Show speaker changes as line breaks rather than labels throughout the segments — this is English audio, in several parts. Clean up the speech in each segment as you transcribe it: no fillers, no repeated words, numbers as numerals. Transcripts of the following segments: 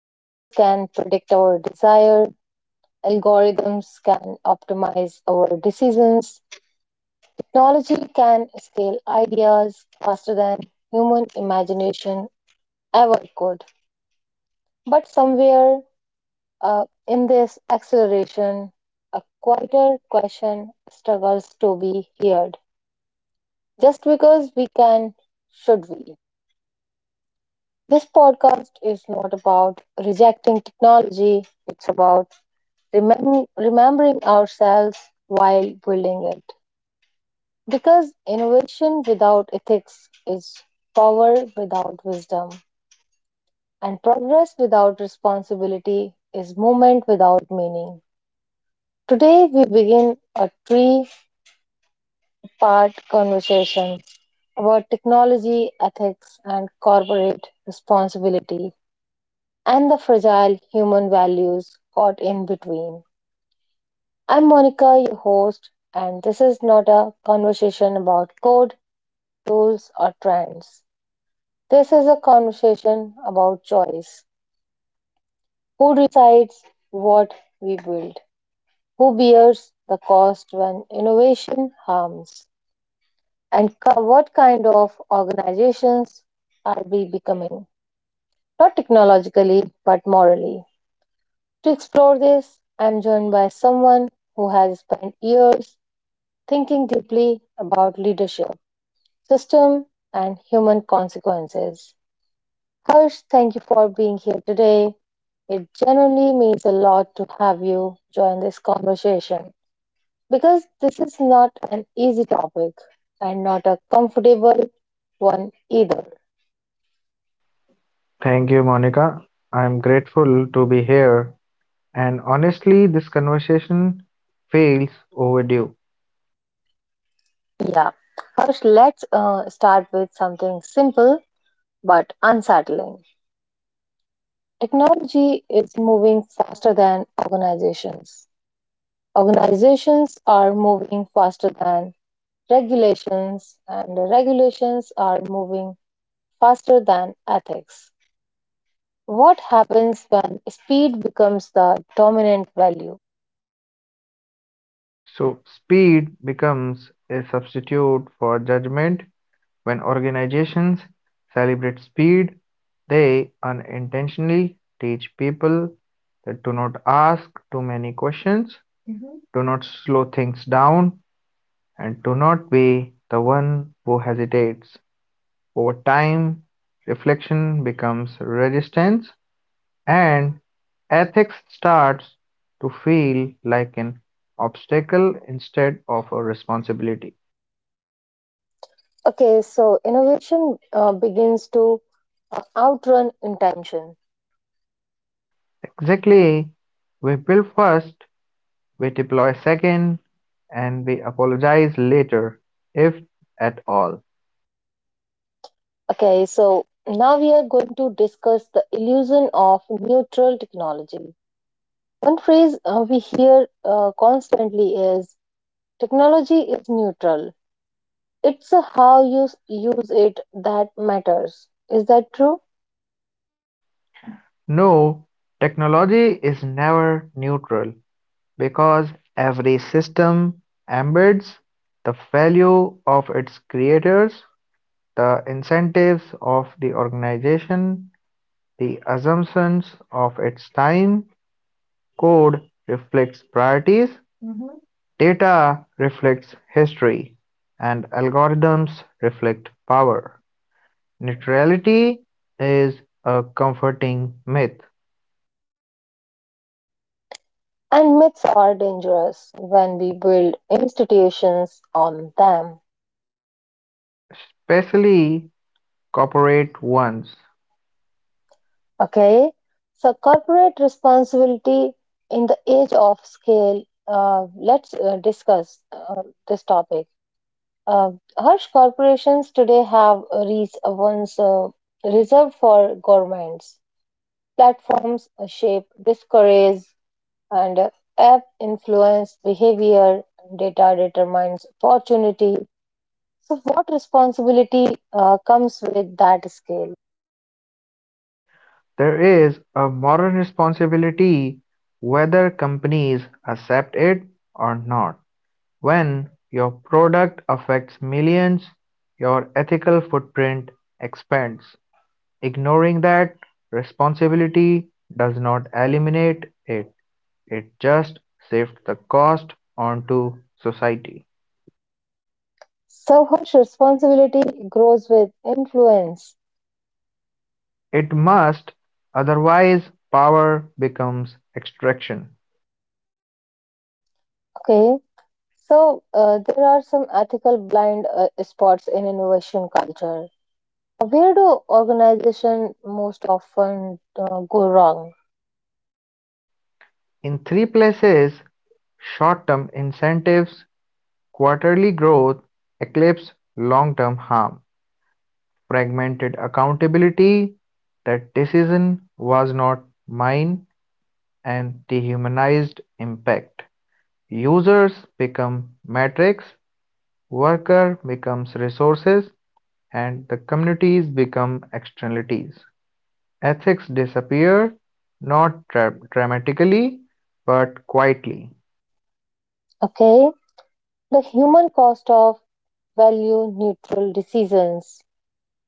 Machines can predict our desire, algorithms can optimize our decisions, technology can scale ideas faster than human imagination ever could. But somewhere in this acceleration, a quieter question struggles to be heard. Just because we can, should we? This podcast is not about rejecting technology, it's about remembering ourselves while building it. Because innovation without ethics is power without wisdom, and progress without responsibility is movement without meaning. Today, we begin a three-part conversation about technology, ethics, and corporate responsibility, and the fragile human values caught in between. I'm Monica, your host, and this is not a conversation about code, rules, or trends. This is a conversation about choice. Who decides what we build? Who bears the cost when innovation harms? And what kind of organizations are we becoming? Not technologically, but morally. To explore this, I'm joined by someone who has spent years thinking deeply about leadership, system, and human consequences. Harsh, thank you for being here today. It genuinely means a lot to have you join this conversation because this is not an easy topic and not a comfortable one either.
Thank you, Monica. I'm grateful to be here. And honestly, this conversation feels overdue.
Yeah. Harsh, let's start with something simple but unsettling. Technology is moving faster than organizations. Organizations are moving faster than regulations, and the regulations are moving faster than ethics. What happens when speed becomes the dominant value?
So, speed becomes a substitute for judgment when organizations celebrate speed. They unintentionally teach people that do not ask too many questions, do not slow things down, and do not be the one who hesitates. Over time, reflection becomes resistance, and ethics starts to feel like an obstacle instead of a responsibility.
Okay, so innovation begins to outrun intention.
Exactly, we build first, we deploy second, and we apologize later, if at all.
Okay, so now we are going to discuss the illusion of neutral technology. One phrase we hear constantly is technology is neutral. It's how you use it that matters. Is that true?
No, technology is never neutral because every system embeds the value of its creators. The incentives of the organization, the assumptions of its time, code reflects priorities, data reflects history, and algorithms reflect power. Neutrality is a comforting myth,
And myths are dangerous when we build institutions on them.
especially corporate ones.
Okay? So, corporate responsibility in the age of scale, let's discuss this topic. Uh, Harsh, corporations today have reached once reserved for governments. Platforms shape discourse and app influence behavior, and data determines opportunity. So, what responsibility comes with that scale?
There is a moral responsibility whether companies accept it or not. When your product affects millions, your ethical footprint expands; ignoring that responsibility does not eliminate it, it just shifts the cost onto society.
So, much responsibility grows with influence.
It must, otherwise power becomes extraction.
Okay. So, there are some ethical blind spots in innovation culture. Where do organizations most often go wrong?
In three places, short-term incentives, quarterly growth eclipse long-term harm. Fragmented accountability, that decision was not mine, and dehumanized impact. Users become metrics, worker becomes resources, and the communities become externalities. Ethics disappear not dramatically but quietly.
Okay. The human cost of value neutral decisions.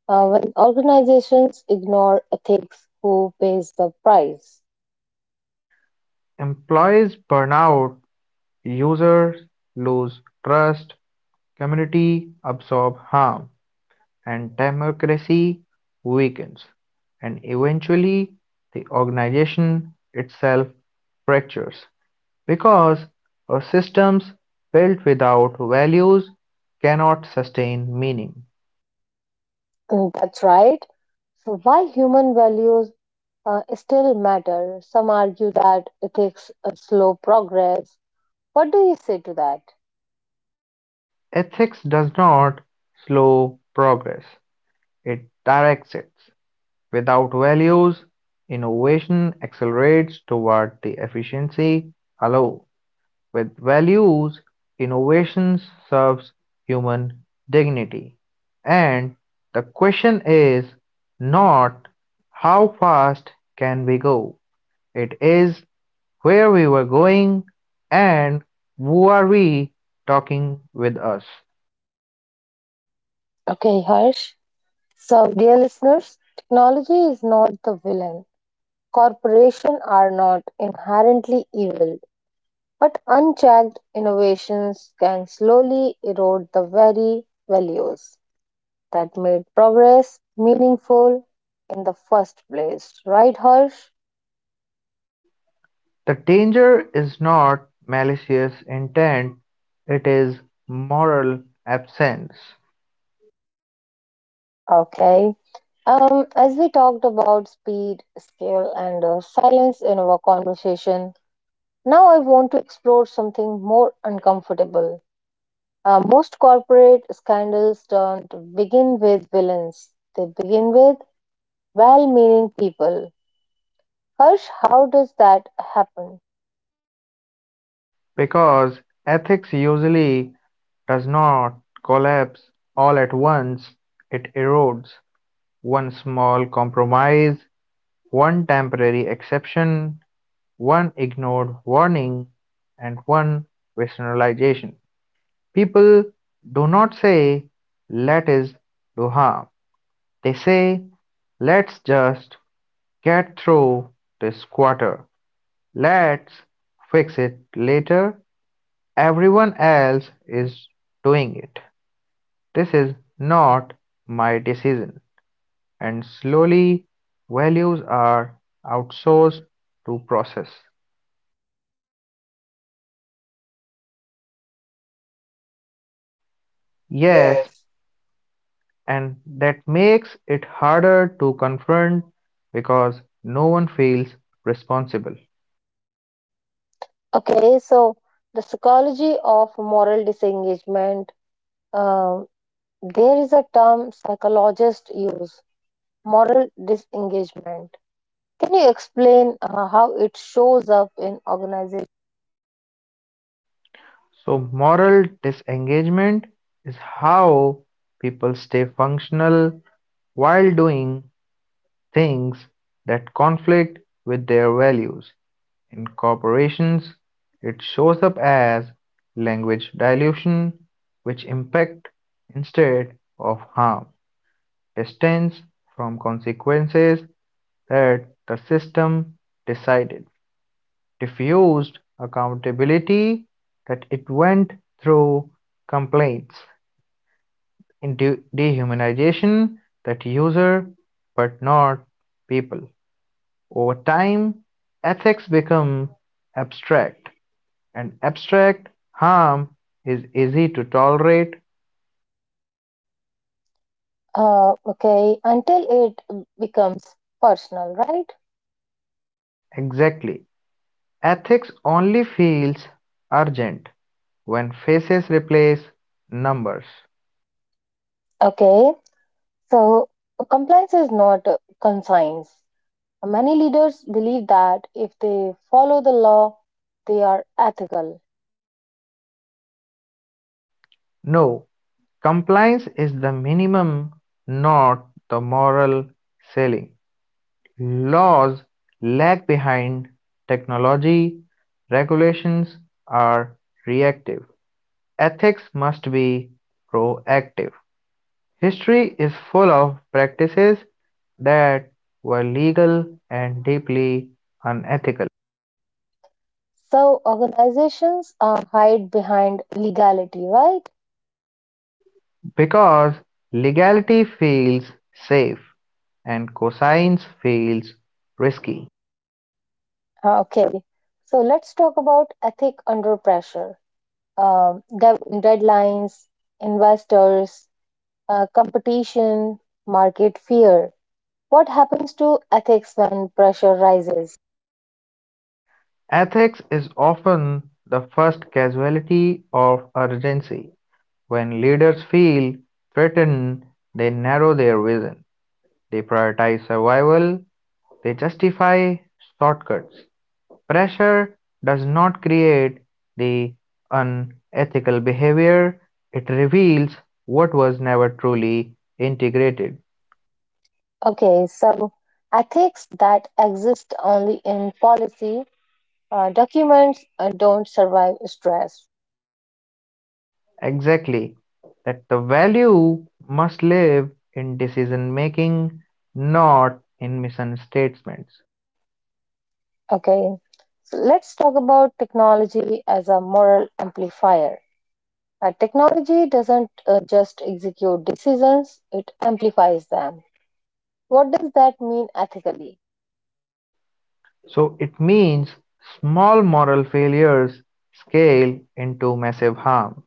When organizations ignore ethics, who pays the price?
Employees burn out, users lose trust, community absorb harm, and democracy weakens, and eventually the organization itself fractures because our systems built without values cannot sustain meaning.
Mm, that's right. So, why human values still matter? Some argue that ethics slow progress. What do you say to that?
Ethics does not slow progress, it directs it. Without values, innovation accelerates toward the efficiency alone. With values, innovations serves human dignity, and the question is not how fast can we go, it is where we were going and who are we talking with us.
Okay, Harsh. So, dear listeners, technology is not the villain. Corporations are not inherently evil. But unchecked innovations can slowly erode the very values that made progress meaningful in the first place. Right, Harsh?
The danger is not malicious intent, it is moral absence
Okay. As we talked about speed, scale, and silence in our conversation, now I want to explore something more uncomfortable. Most corporate scandals don't begin with villains, they begin with well meaning people. Harsh, how does that happen?
because ethics usually does not collapse all at once, it erodes one small compromise, one temporary exception, one ignored warning, and one rationalization. People do not say, let us do harm. They say, let's just get through this quarter. Let's fix it later. Everyone else is doing it. This is not my decision, and slowly values are outsourced to process.
Yeah.
Yes, and that makes it harder to confront because no one feels responsible.
Okay, so the psychology of moral disengagement. um, there is a term psychologists use, moral disengagement. Can you explain how it shows up in organization?
So, moral disengagement is how people stay functional while doing things that conflict with their values. In corporations, it shows up as language dilution, which impact instead of harm distance from consequences that the system decided, diffused accountability that it went through, complaints, in dehumanization that user but not people. Over time, ethics become abstract. And abstract harm is easy to tolerate.
Okay, until it becomes personal, right?
Exactly. Ethics only feels urgent when faces replace numbers.
Okay, so compliance is not conscience. Many leaders believe that if they follow the law, they are ethical.
No, compliance is the minimum, not the moral ceiling. Laws lag behind technology, regulations are reactive. Ethics must be proactive. History is full of practices that were legal and deeply unethical,
So organizations hide behind legality, right?
because legality feels safe and coscience feels risky.
Okay. So let's talk about ethic under pressure. Deadlines, investors, competition, market fear. What happens to ethics when pressure rises?
Ethics is often the first casualty of urgency. When leaders feel threatened, they narrow their vision, they prioritize survival, they justify shortcuts. Pressure does not create the unethical behavior, it reveals what was never truly integrated.
Okay, so ethics that exist only in policy documents don't survive stress.
Exactly. That the value must live in decision making, not in mission statements.
Okay, so let's talk about technology as a moral amplifier. Technology doesn't just execute decisions, it amplifies them. What does that mean ethically?
So it means small moral failures scale into massive harm.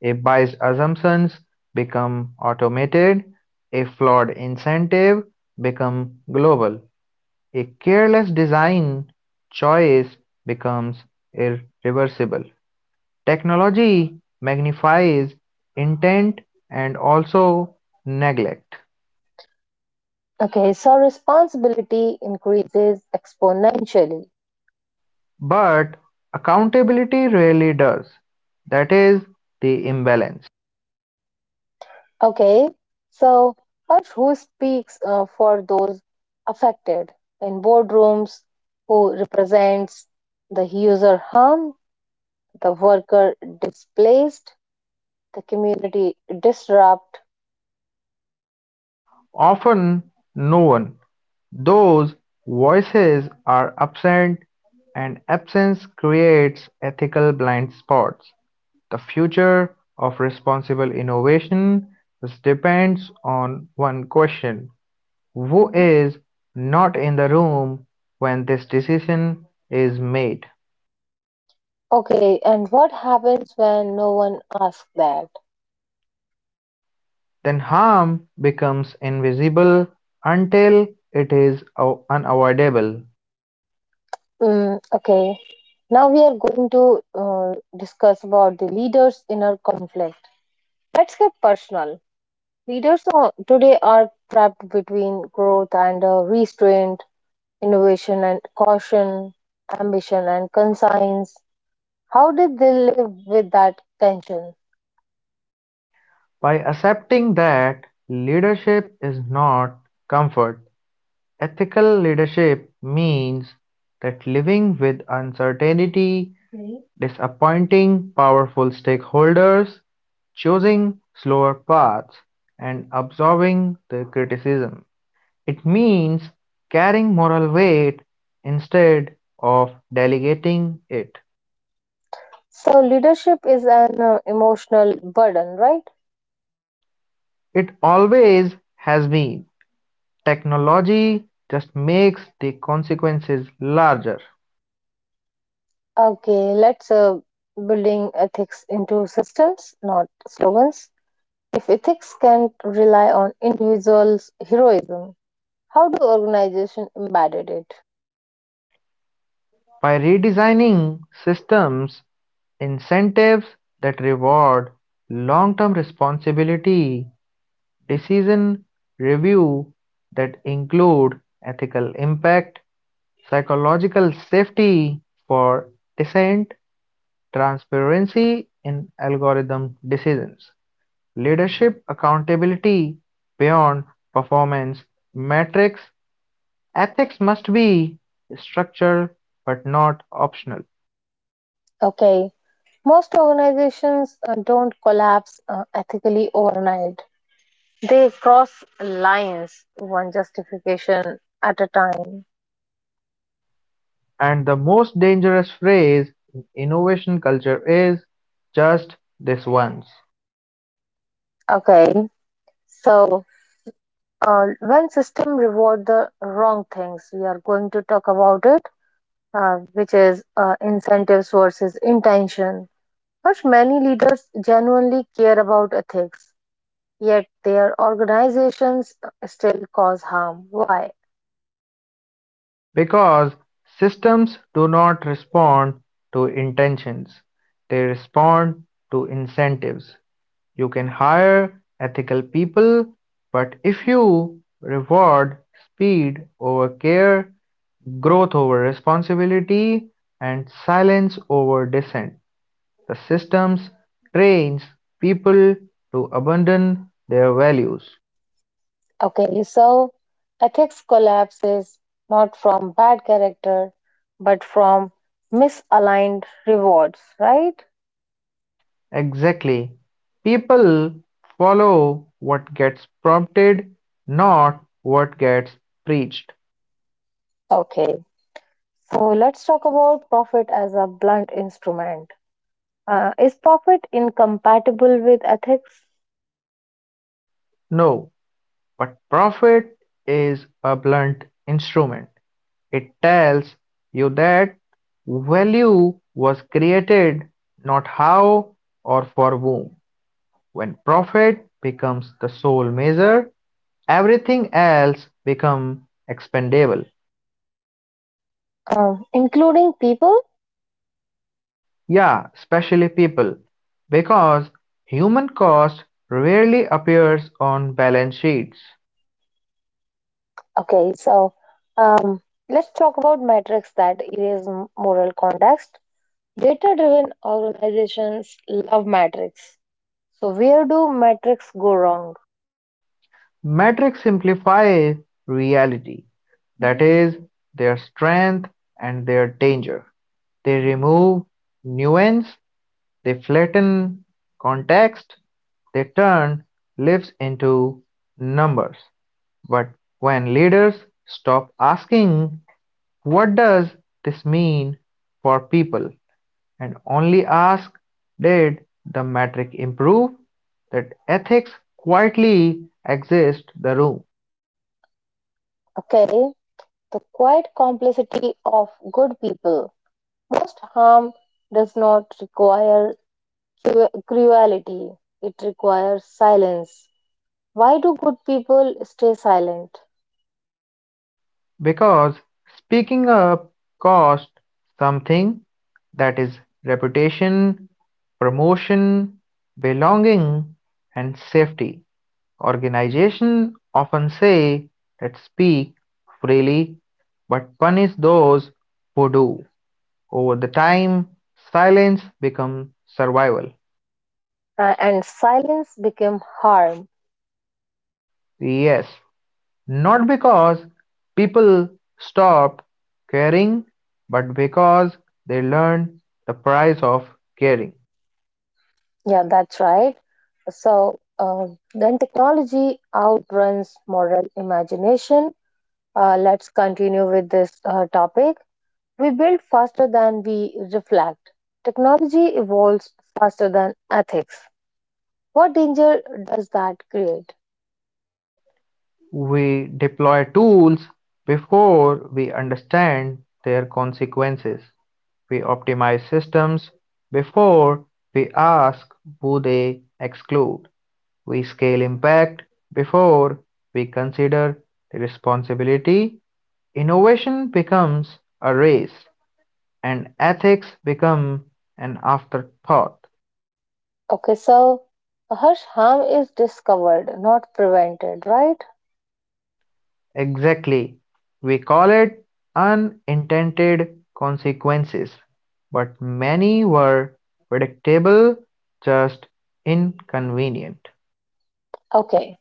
If biased assumptions become automated, a flawed incentive become global, a careless design choice becomes irreversible. Technology magnifies intent and also neglect,
Okay, so responsibility increases exponentially.
but accountability really does. That is the imbalance.
Okay, so but who speaks for those affected in boardrooms? Who represents the user harm, the worker displaced? The community disrupt.
Often no one; those voices are absent, and absence creates ethical blind spots. The future of responsible innovation depends on one question: who is not in the room when this decision is made?
Okay, and what happens when no one asks that?
Then harm becomes invisible until it is unavoidable.
Mm, okay, now we are going to discuss about the leaders' inner conflict. Let's get personal. Leaders today are trapped between growth and restraint, innovation and caution, ambition and conscience. How did they live with that tension?
By accepting that leadership is not comfort, ethical leadership means that living with uncertainty, disappointing powerful stakeholders, choosing slower paths, and absorbing the criticism. It means carrying moral weight instead of delegating it.
So, leadership is an emotional burden, right?
It always has been. Technology just makes the consequences larger
Okay, let's building ethics into systems, not slogans. If ethics can't rely on individuals' heroism, how do organizations embed it?
by redesigning systems incentives that reward long-term responsibility, decision review that include ethical impact, psychological safety for dissent, transparency in algorithm decisions, leadership accountability beyond performance metrics. Ethics must be structural but not optional,
Okay, most organizations don't collapse ethically overnight. They cross lines one justification at a time.
and the most dangerous phrase in innovation culture is "just this once"
Okay, so when system reward the wrong things, we are going to talk about it, which is incentives versus intention. But many leaders genuinely care about ethics, yet their organizations still cause harm. Why?
because systems do not respond to intentions, they respond to incentives. You can hire ethical people, but if you reward speed over care, growth over responsibility, and silence over dissent, the systems trains people to abandon their values.
Okay, so ethics collapses not from bad character, but from misaligned rewards, right?
Exactly. People follow what gets prompted, not what gets preached.
Okay, so let's talk about profit as a blunt instrument. Is profit incompatible with ethics?
No, but profit is a blunt instrument. It tells you that value was created, not how or for whom. When profit becomes the sole measure, everything else become expendable,
Including people?
yeah, especially people, because human cost rarely appears on balance sheets.
Okay, so um, let's talk about metrics that erase moral context. Data driven organizations love metrics. So, where do metrics go wrong?
Metrics simplify reality, that is, their strength and their danger. They remove nuance, they flatten context, they turn lives into numbers. But when leaders stop asking what does this mean for people, and only ask did the metric improve? That ethics quietly exist the room
Okay, the quiet complicity of good people. Most harm does not require cruelty, it requires silence. Why do good people stay silent?
because speaking up cost something that is reputation, promotion, belonging and safety. Organizations often say that speak freely but punish those who do. Over the time, silence becomes survival.
And silence became harm.
Yes, not because people stopped caring, but because they learned the price of caring.
Yeah, that's right. So then technology outruns moral imagination. Let's continue with this topic. We build faster than we reflect. Technology evolves faster than ethics. What danger does that create?
We deploy tools before we understand their consequences. We optimize systems before we ask who they exclude. We scale impact before we consider the responsibility. Innovation becomes a race, and ethics become an afterthought.
Okay, so Harsh, harm is discovered, not prevented, right?
Exactly. We call it unintended consequences, but many were predictable, just inconvenient.
Okay,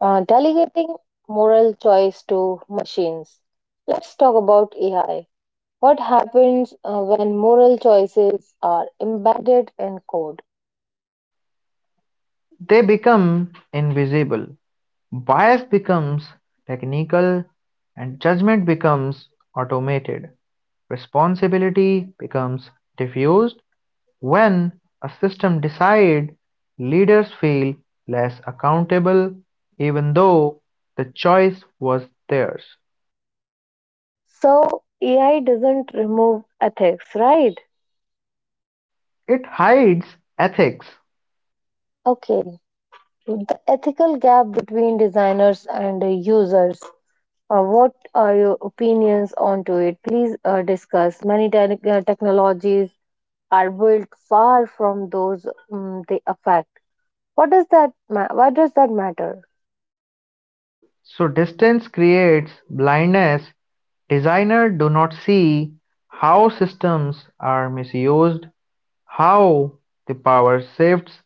delegating moral choice to machines. Let's talk about AI. What happens when moral choices are embedded in code?
They become invisible. Bias becomes technical, and judgment becomes automated. Responsibility becomes diffused. When a system decides, leaders feel less accountable even though the choice was theirs.
So, AI doesn't remove ethics, right?
It hides ethics.
Okay, the ethical gap between designers and users. What are your opinions onto it? Please discuss. Many technologies are built far from those they affect. What does that? Why does that matter?
So distance creates blindness. Designers do not see how systems are misused, how the power shifts,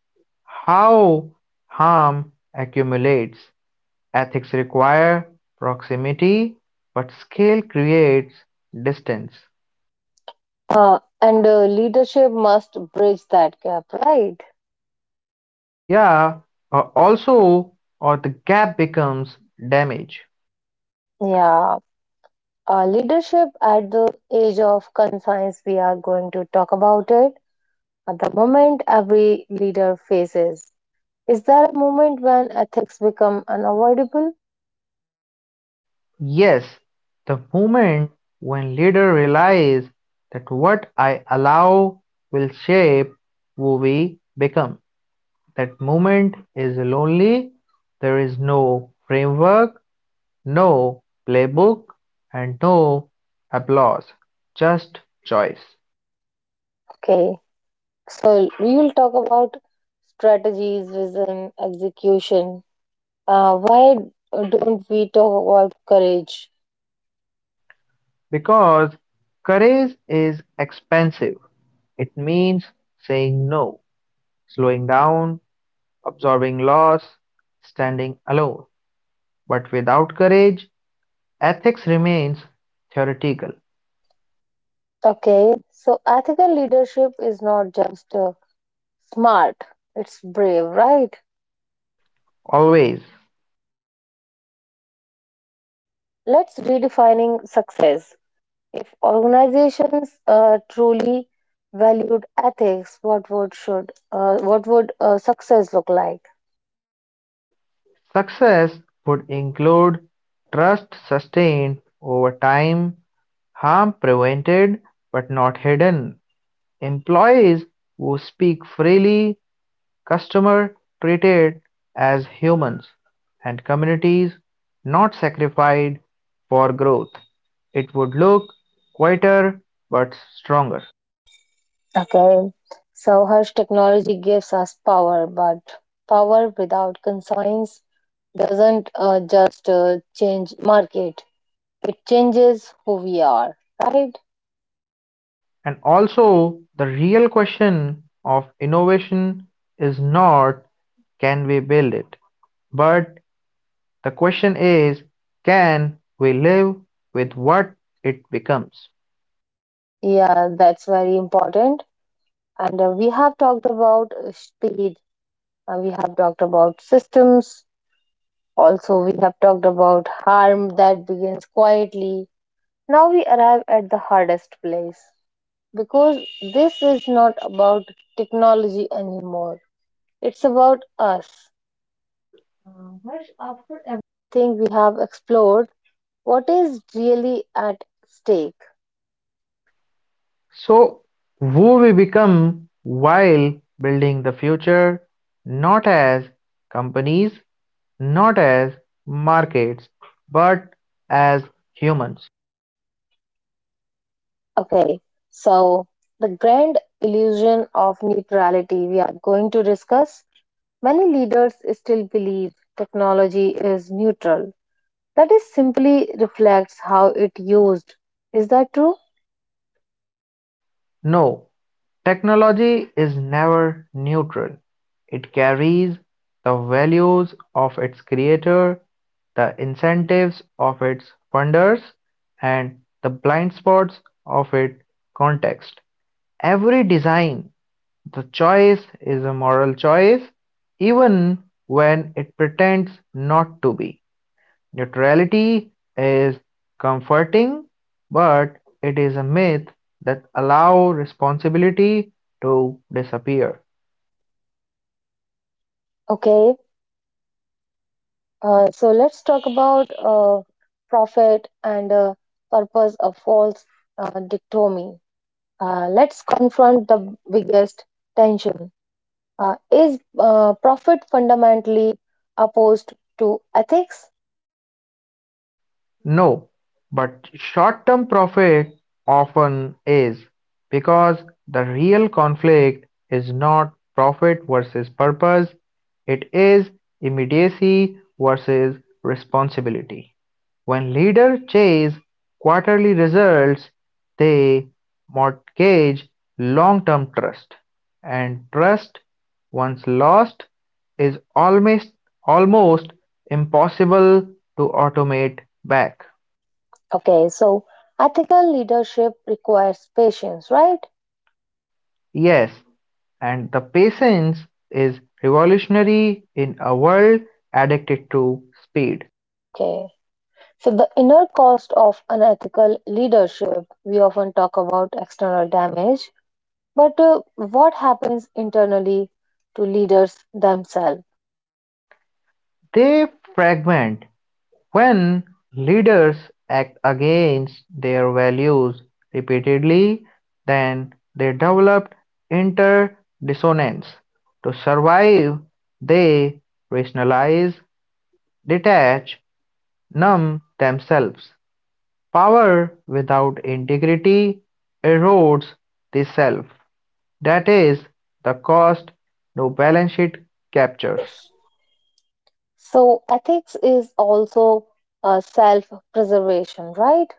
how harm accumulates. Ethics require proximity, but scale creates distance.
And leadership must bridge that gap, right?
Yeah, or also, or the gap becomes damage.
Yeah. Leadership at the age of confines, we are going to talk about it. At the moment every leader faces. Is there a moment when ethics become unavoidable?
Yes, the moment when leader realize that what I allow will shape who we become. That moment is lonely. There is no framework, no playbook, and no applause. Just choice.
Okay, so we will talk about strategies, vision, execution. Why don't we talk about courage?
Because courage is expensive. It means saying no slowing down, absorbing loss, standing alone. But without courage, ethics remains theoretical.
Okay, so ethical leadership is not just smart, it's brave, right?
Always.
Let's redefining success. If organizations truly valued ethics, what would should what would success look like?
Success would include trust sustained over time, harm prevented but not hidden, employees who speak freely, customers treated as humans, and communities not sacrificed for growth. It would look quieter but stronger.
Okay, so harsh, technology gives us power, but power without conscience doesn't just change market; it changes who we are, right?
And also, the real question of innovation is not can we build it, but the question is can we live with what it becomes?
Yeah, that's very important. And we have talked about speed, we have talked about systems. Also, we have talked about harm that begins quietly. Now we arrive at the hardest place because this is not about technology anymore. It's about us. Everything we have explored, what is really at stake?
So, who we become while building the future, not as companies, not as markets, but as humans.
Okay, so the grand illusion of neutrality we are going to discuss. Many leaders still believe technology is neutral, that is simply reflects how it used. Is that true?
No, technology is never neutral. It carries the values of its creator, the incentives of its funders, and the blind spots of its context. Every design, the choice is a moral choice, even when it pretends not to be. Neutrality is comforting, but it is a myth that allows responsibility to disappear.
Okay, so let's talk about profit and purpose of false dichotomy. Let's confront the biggest tension. Is profit fundamentally opposed to ethics?
No, but short-term profit often is, because the real conflict is not profit versus purpose, it is immediacy versus responsibility. When leaders chase quarterly results, they mortgage long-term trust, and trust once lost, is almost impossible to automate back.
Okay, so ethical leadership requires patience, right?
Yes, and the patience is revolutionary in a world addicted to speed.
Okay. So, the inner cost of unethical leadership, we often talk about external damage, but what happens internally to leaders themselves?
They fragment when leaders act against their values repeatedly, then they develop interdissonance. To survive, they rationalize, detach, numb themselves, power without integrity erodes the self, that is the cost no balance sheet captures.
Structures. So, ethics is also self preservation, right?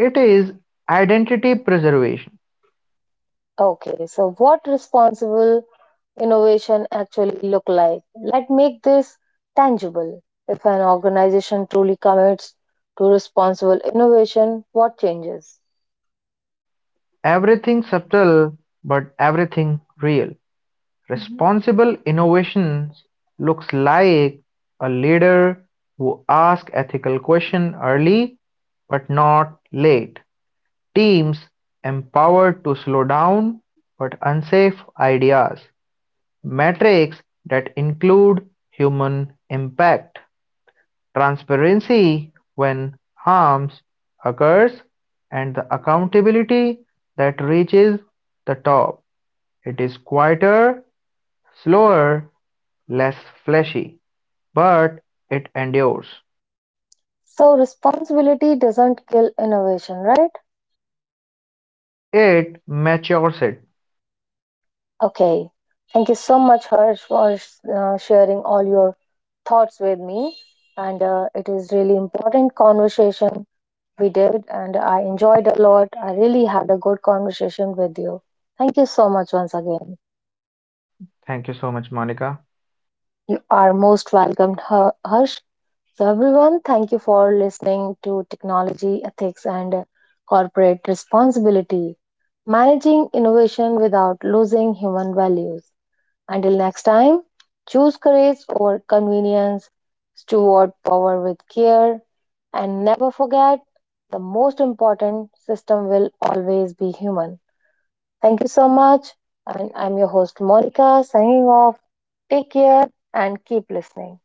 It is identity preservation,
Okay, so what responsible innovation actually look like? Let's make this tangible. If an organization truly commits to responsible innovation, what changes?
everything subtle but everything real. Responsible innovation looks like a leader who asks ethical questions early but not late. Teams empowered to slow down but unsafe ideas, metrics that include human impact, transparency when harms occurs, and the accountability that reaches the top. It is quieter, slower, less flashy, but it endures.
So responsibility doesn't kill innovation, right?
It matures it.
Okay. Thank you so much, Harsh, for sharing all your thoughts with me. And it is really important conversation we did, and I enjoyed a lot. I really had a good conversation with you. Thank you so much once again.
Thank you so much, Monica.
You are most welcome, Harsh. So, everyone, thank you for listening to Technology, Ethics, and Corporate Responsibility: Managing Innovation Without Losing Human Values. Until next time, choose courage over convenience, steward power with care, and never forget the most important system will always be human. Thank you so much. And I'm your host, Monica, signing off. Take care and keep listening.